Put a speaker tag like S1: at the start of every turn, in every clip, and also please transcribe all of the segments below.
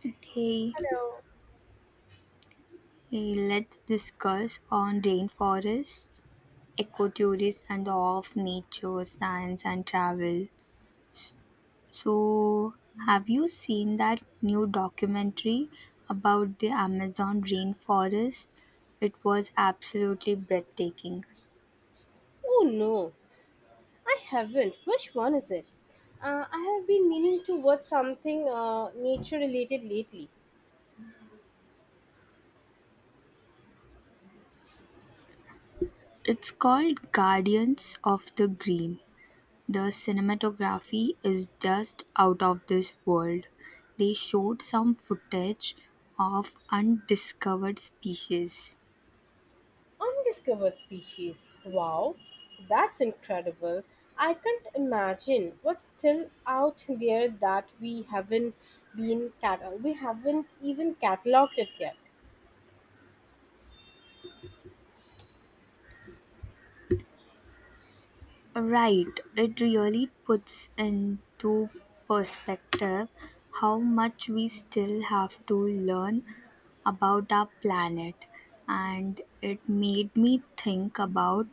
S1: Hey,
S2: Hello.
S1: let's discuss on rainforests, ecotourism, and the awe of nature, science, and travel. So, have you seen that new documentary about the Amazon rainforest? It was absolutely breathtaking.
S2: Oh no, I haven't. Which one is it? I have been meaning to watch something nature related lately.
S1: It's called Guardians of the Green. The cinematography is just out of this world. They showed some footage of undiscovered species.
S2: Undiscovered species. Wow, that's incredible. I can't imagine what's still out there that we haven't we haven't even cataloged it yet.
S1: Right, it really puts into perspective how much we still have to learn about our planet, and it made me think about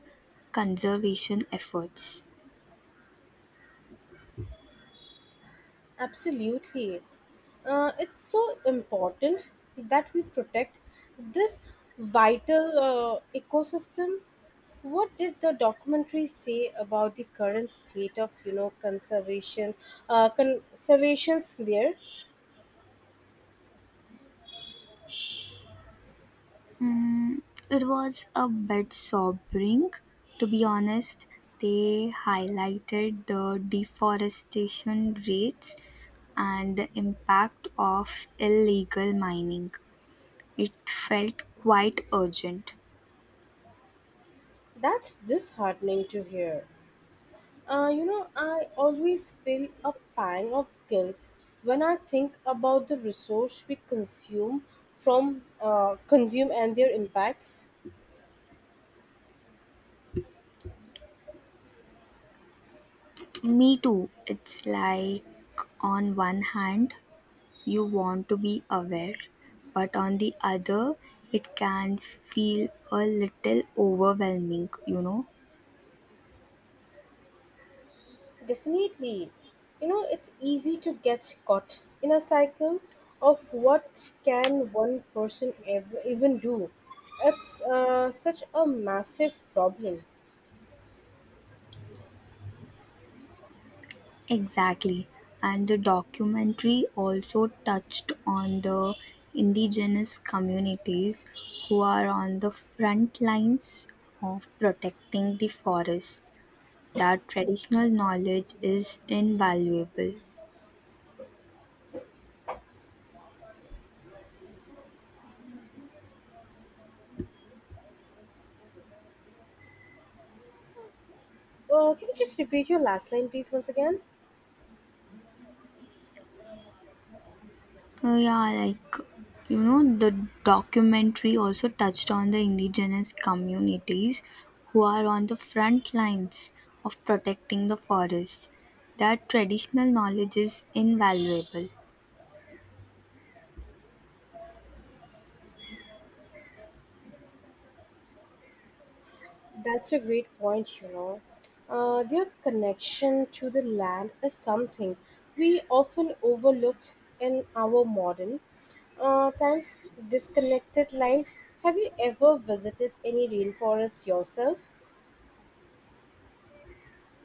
S1: conservation efforts.
S2: Absolutely. It's so important that we protect this vital ecosystem. What did the documentary say about the current state of, you know, conservation, conservations there?
S1: Mm, it was a bit sobering, to be honest. They highlighted the deforestation rates and the impact of illegal mining. It felt quite urgent.
S2: That's disheartening to hear. I always feel a pang of guilt when I think about the resource we consume from consume and their impacts.
S1: Me too. It's like, on one hand, you want to be aware, but on the other, it can feel a little overwhelming.
S2: Definitely. You know, it's easy to get caught in a cycle of what can one person ever even do. It's such a massive problem.
S1: Exactly. And the documentary also touched on the indigenous communities who are on the front lines of protecting the forest. Their traditional knowledge is invaluable.
S2: Can you just repeat your last line, please, once again?
S1: Yeah, the documentary also touched on the indigenous communities who are on the front lines of protecting the forest. Their traditional knowledge is invaluable.
S2: That's a great point. Their connection to the land is something we often overlooked in our modern times, disconnected lives. Have you ever visited any rainforest yourself?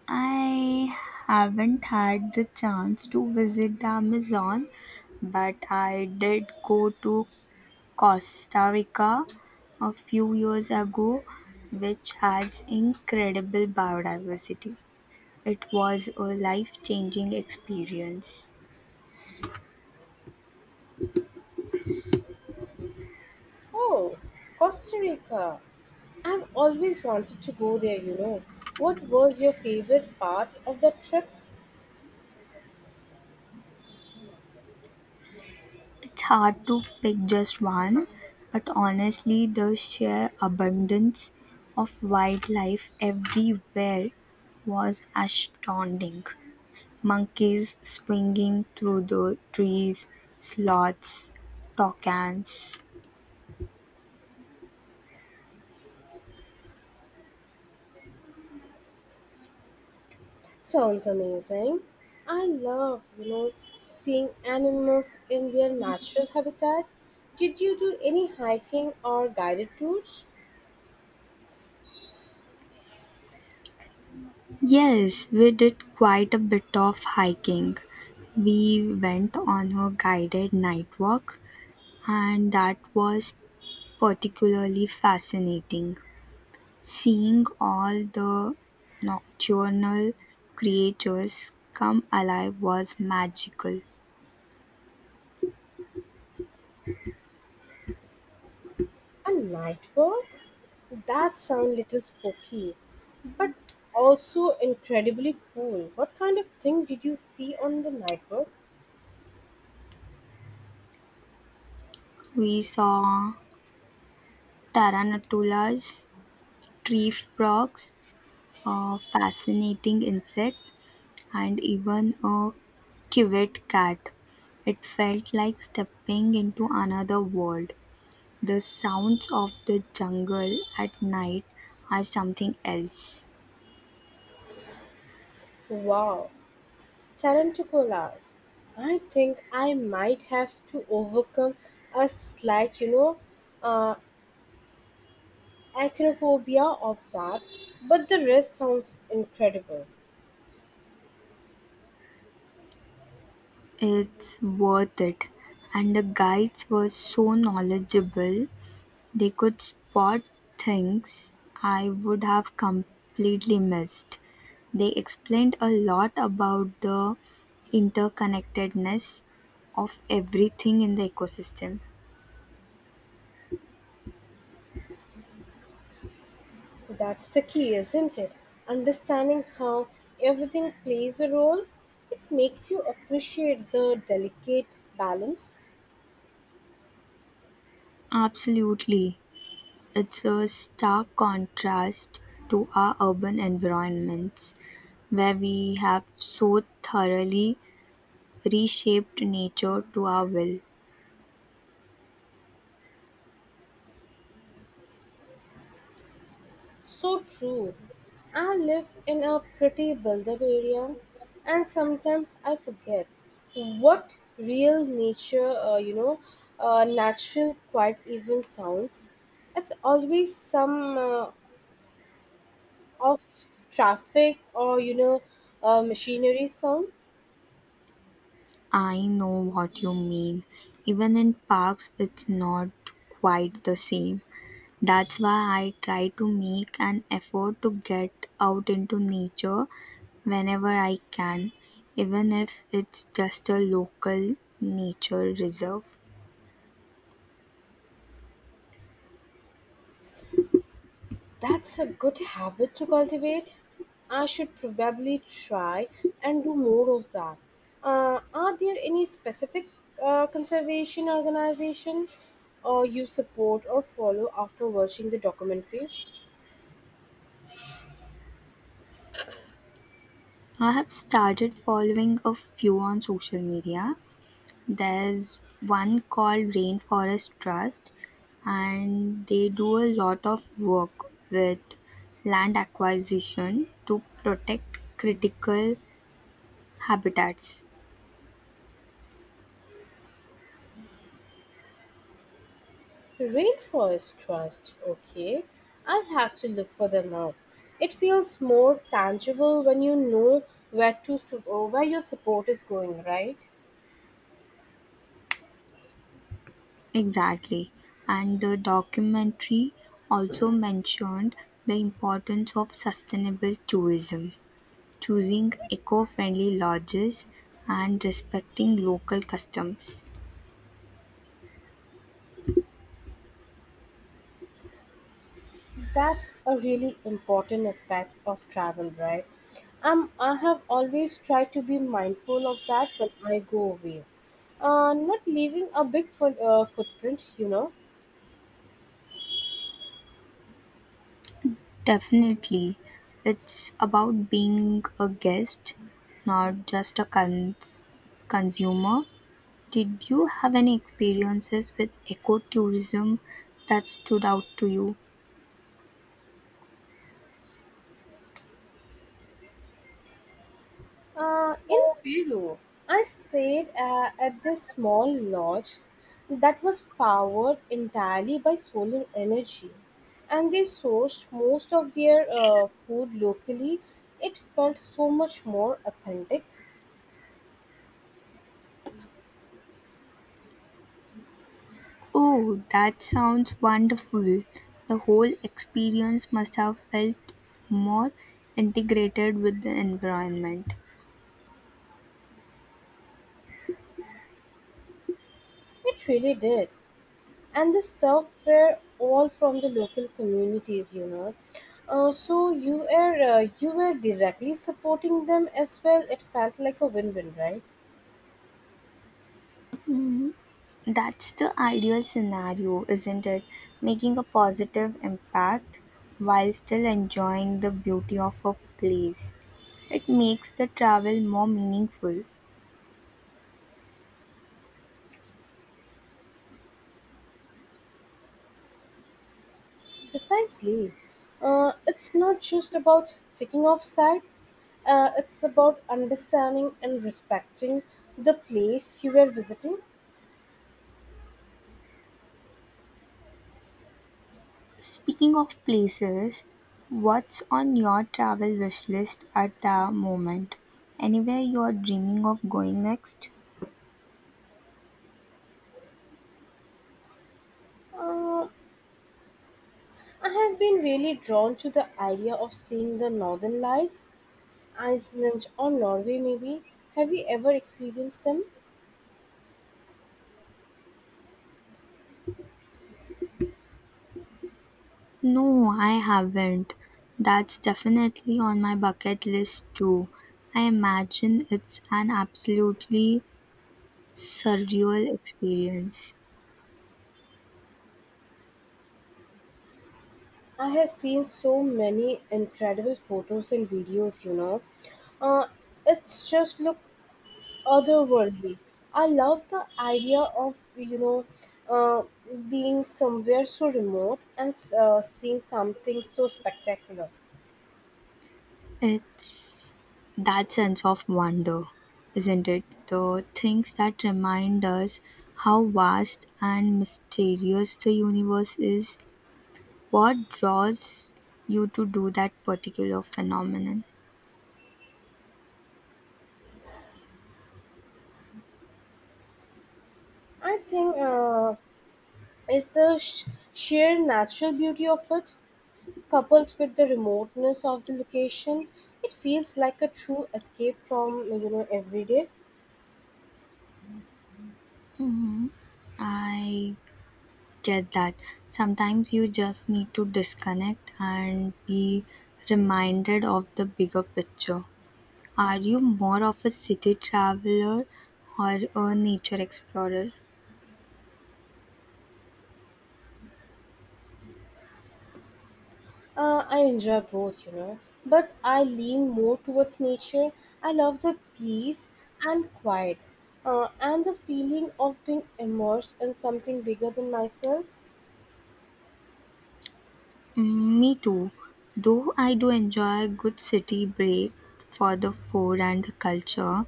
S1: I haven't had the chance to visit the Amazon, but I did go to Costa Rica a few years ago, which has incredible biodiversity. It was a life changing experience.
S2: Oh, Costa Rica. I've always wanted to go there. What was your favorite part of the trip?
S1: It's hard to pick just one, but honestly, the sheer abundance of wildlife everywhere was astounding. Monkeys swinging through the trees, sloths, toucans.
S2: Sounds amazing. I love seeing animals in their natural habitat. Did you do any hiking or guided tours?
S1: Yes, we did quite a bit of hiking. We went on a guided night walk, and that was particularly fascinating. Seeing all the nocturnal creatures come alive was magical.
S2: A night walk? That sounds little spooky, but also incredibly cool. What kind of thing did you see on the night walk?
S1: We saw tarantulas, tree frogs, fascinating insects, and even a civet cat. It felt like stepping into another world. The sounds of the jungle at night are something else.
S2: Wow, tarantulas. I think I might have to overcome a slight, uh, acrophobia of that, but the rest sounds incredible.
S1: It's worth it. And the guides were so knowledgeable. They could spot things I would have completely missed. They explained a lot about the interconnectedness of everything in the ecosystem.
S2: That's the key, isn't it? Understanding how everything plays a role, it makes you appreciate the delicate balance.
S1: Absolutely. It's a stark contrast to our urban environments where we have so thoroughly reshaped nature to our will.
S2: So true. I live in a pretty built up area, and sometimes I forget what real nature, natural quiet even sounds. It's always some of traffic or machinery sound.
S1: I know what you mean. Even in parks, it's not quite the same. That's why I try to make an effort to get out into nature whenever I can, even if it's just a local nature reserve.
S2: That's a good habit to cultivate. I should probably try and do more of that. Are there any specific conservation organization or you support or follow after watching the documentary?
S1: I have started following a few on social media. There's one called Rainforest Trust, and they do a lot of work with land acquisition to protect critical habitats.
S2: Rainforest Trust, okay. I'll have to look for them out. It feels more tangible when you know where your support is going, right?
S1: Exactly. And the documentary also mentioned the importance of sustainable tourism, choosing eco friendly lodges, and respecting local customs.
S2: That's a really important aspect of travel, right? I have always tried to be mindful of that when I go away. Not leaving a big footprint, you know.
S1: Definitely. It's about being a guest, not just a consumer. Did you have any experiences with ecotourism that stood out to you?
S2: In Peru, I stayed at this small lodge that was powered entirely by solar energy, and they sourced most of their food locally. It felt so much more authentic.
S1: Oh, that sounds wonderful. The whole experience must have felt more integrated with the environment.
S2: It really did. And the stuff were all from the local communities, you know, so you were directly supporting them as well. It felt like a win-win, right?
S1: That's the ideal scenario, isn't it? Making a positive impact while still enjoying the beauty of a place. It makes the travel more meaningful.
S2: Precisely. It's not just about ticking off side. It's about understanding and respecting the place you were visiting.
S1: Speaking of places, what's on your travel wish list at the moment? Anywhere you're dreaming of going next?
S2: Uh, i have been really drawn to the idea of seeing the northern lights, iceland or norway maybe. Have you ever experienced them?
S1: No, I haven't. That's definitely on my bucket list too. I imagine it's an absolutely surreal experience.
S2: I have seen so many incredible photos and videos, you know. Uh, it's just look otherworldly. I love the idea of, you know, uh, being somewhere so remote and seeing something so spectacular.
S1: It's that sense of wonder, isn't it? The things that remind us how vast and mysterious the universe is. What draws you to do that particular phenomenon?
S2: I think it's the sheer natural beauty of it, coupled with the remoteness of the location. It feels like a true escape from, you know, everyday.
S1: I get that. Sometimes you just need to disconnect and be reminded of the bigger picture. Are you more of a city traveler or a nature explorer?
S2: I enjoy both, you know, but I lean more towards nature. I love the peace and quiet, and the feeling of being immersed in something bigger than myself.
S1: Mm, me too, though I do enjoy a good city break for the food and the culture,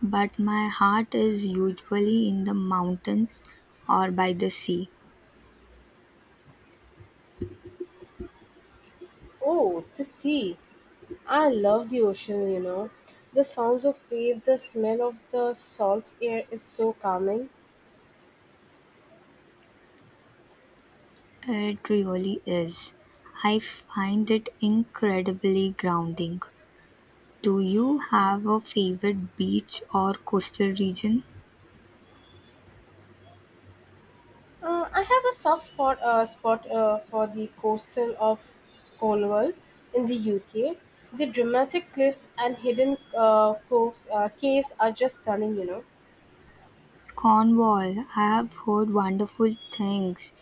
S1: but my heart is usually in the mountains or by the sea.
S2: Oh, the sea! I love the ocean, you know. The sounds of waves, the smell of the salt air is so calming.
S1: It really is. I find it incredibly grounding. Do you have a favorite beach or coastal region?
S2: I have a soft spot for the coastal of Cornwall in the UK. The dramatic cliffs and hidden caves are just stunning, you know.
S1: Cornwall, I have heard wonderful things.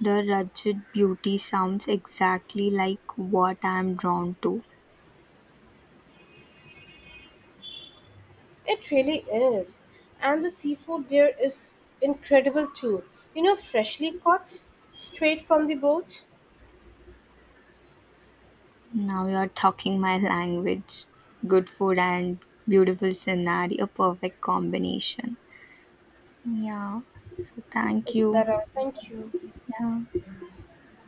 S1: The rugged beauty sounds exactly like what I am drawn to.
S2: It really is. And the seafood there is incredible too. You know, freshly caught straight from the boat.
S1: Now you are talking my language. Good food and beautiful scenery, a perfect combination. Yeah, so thank
S2: It's
S1: you.
S2: better. Thank you.
S1: Yeah.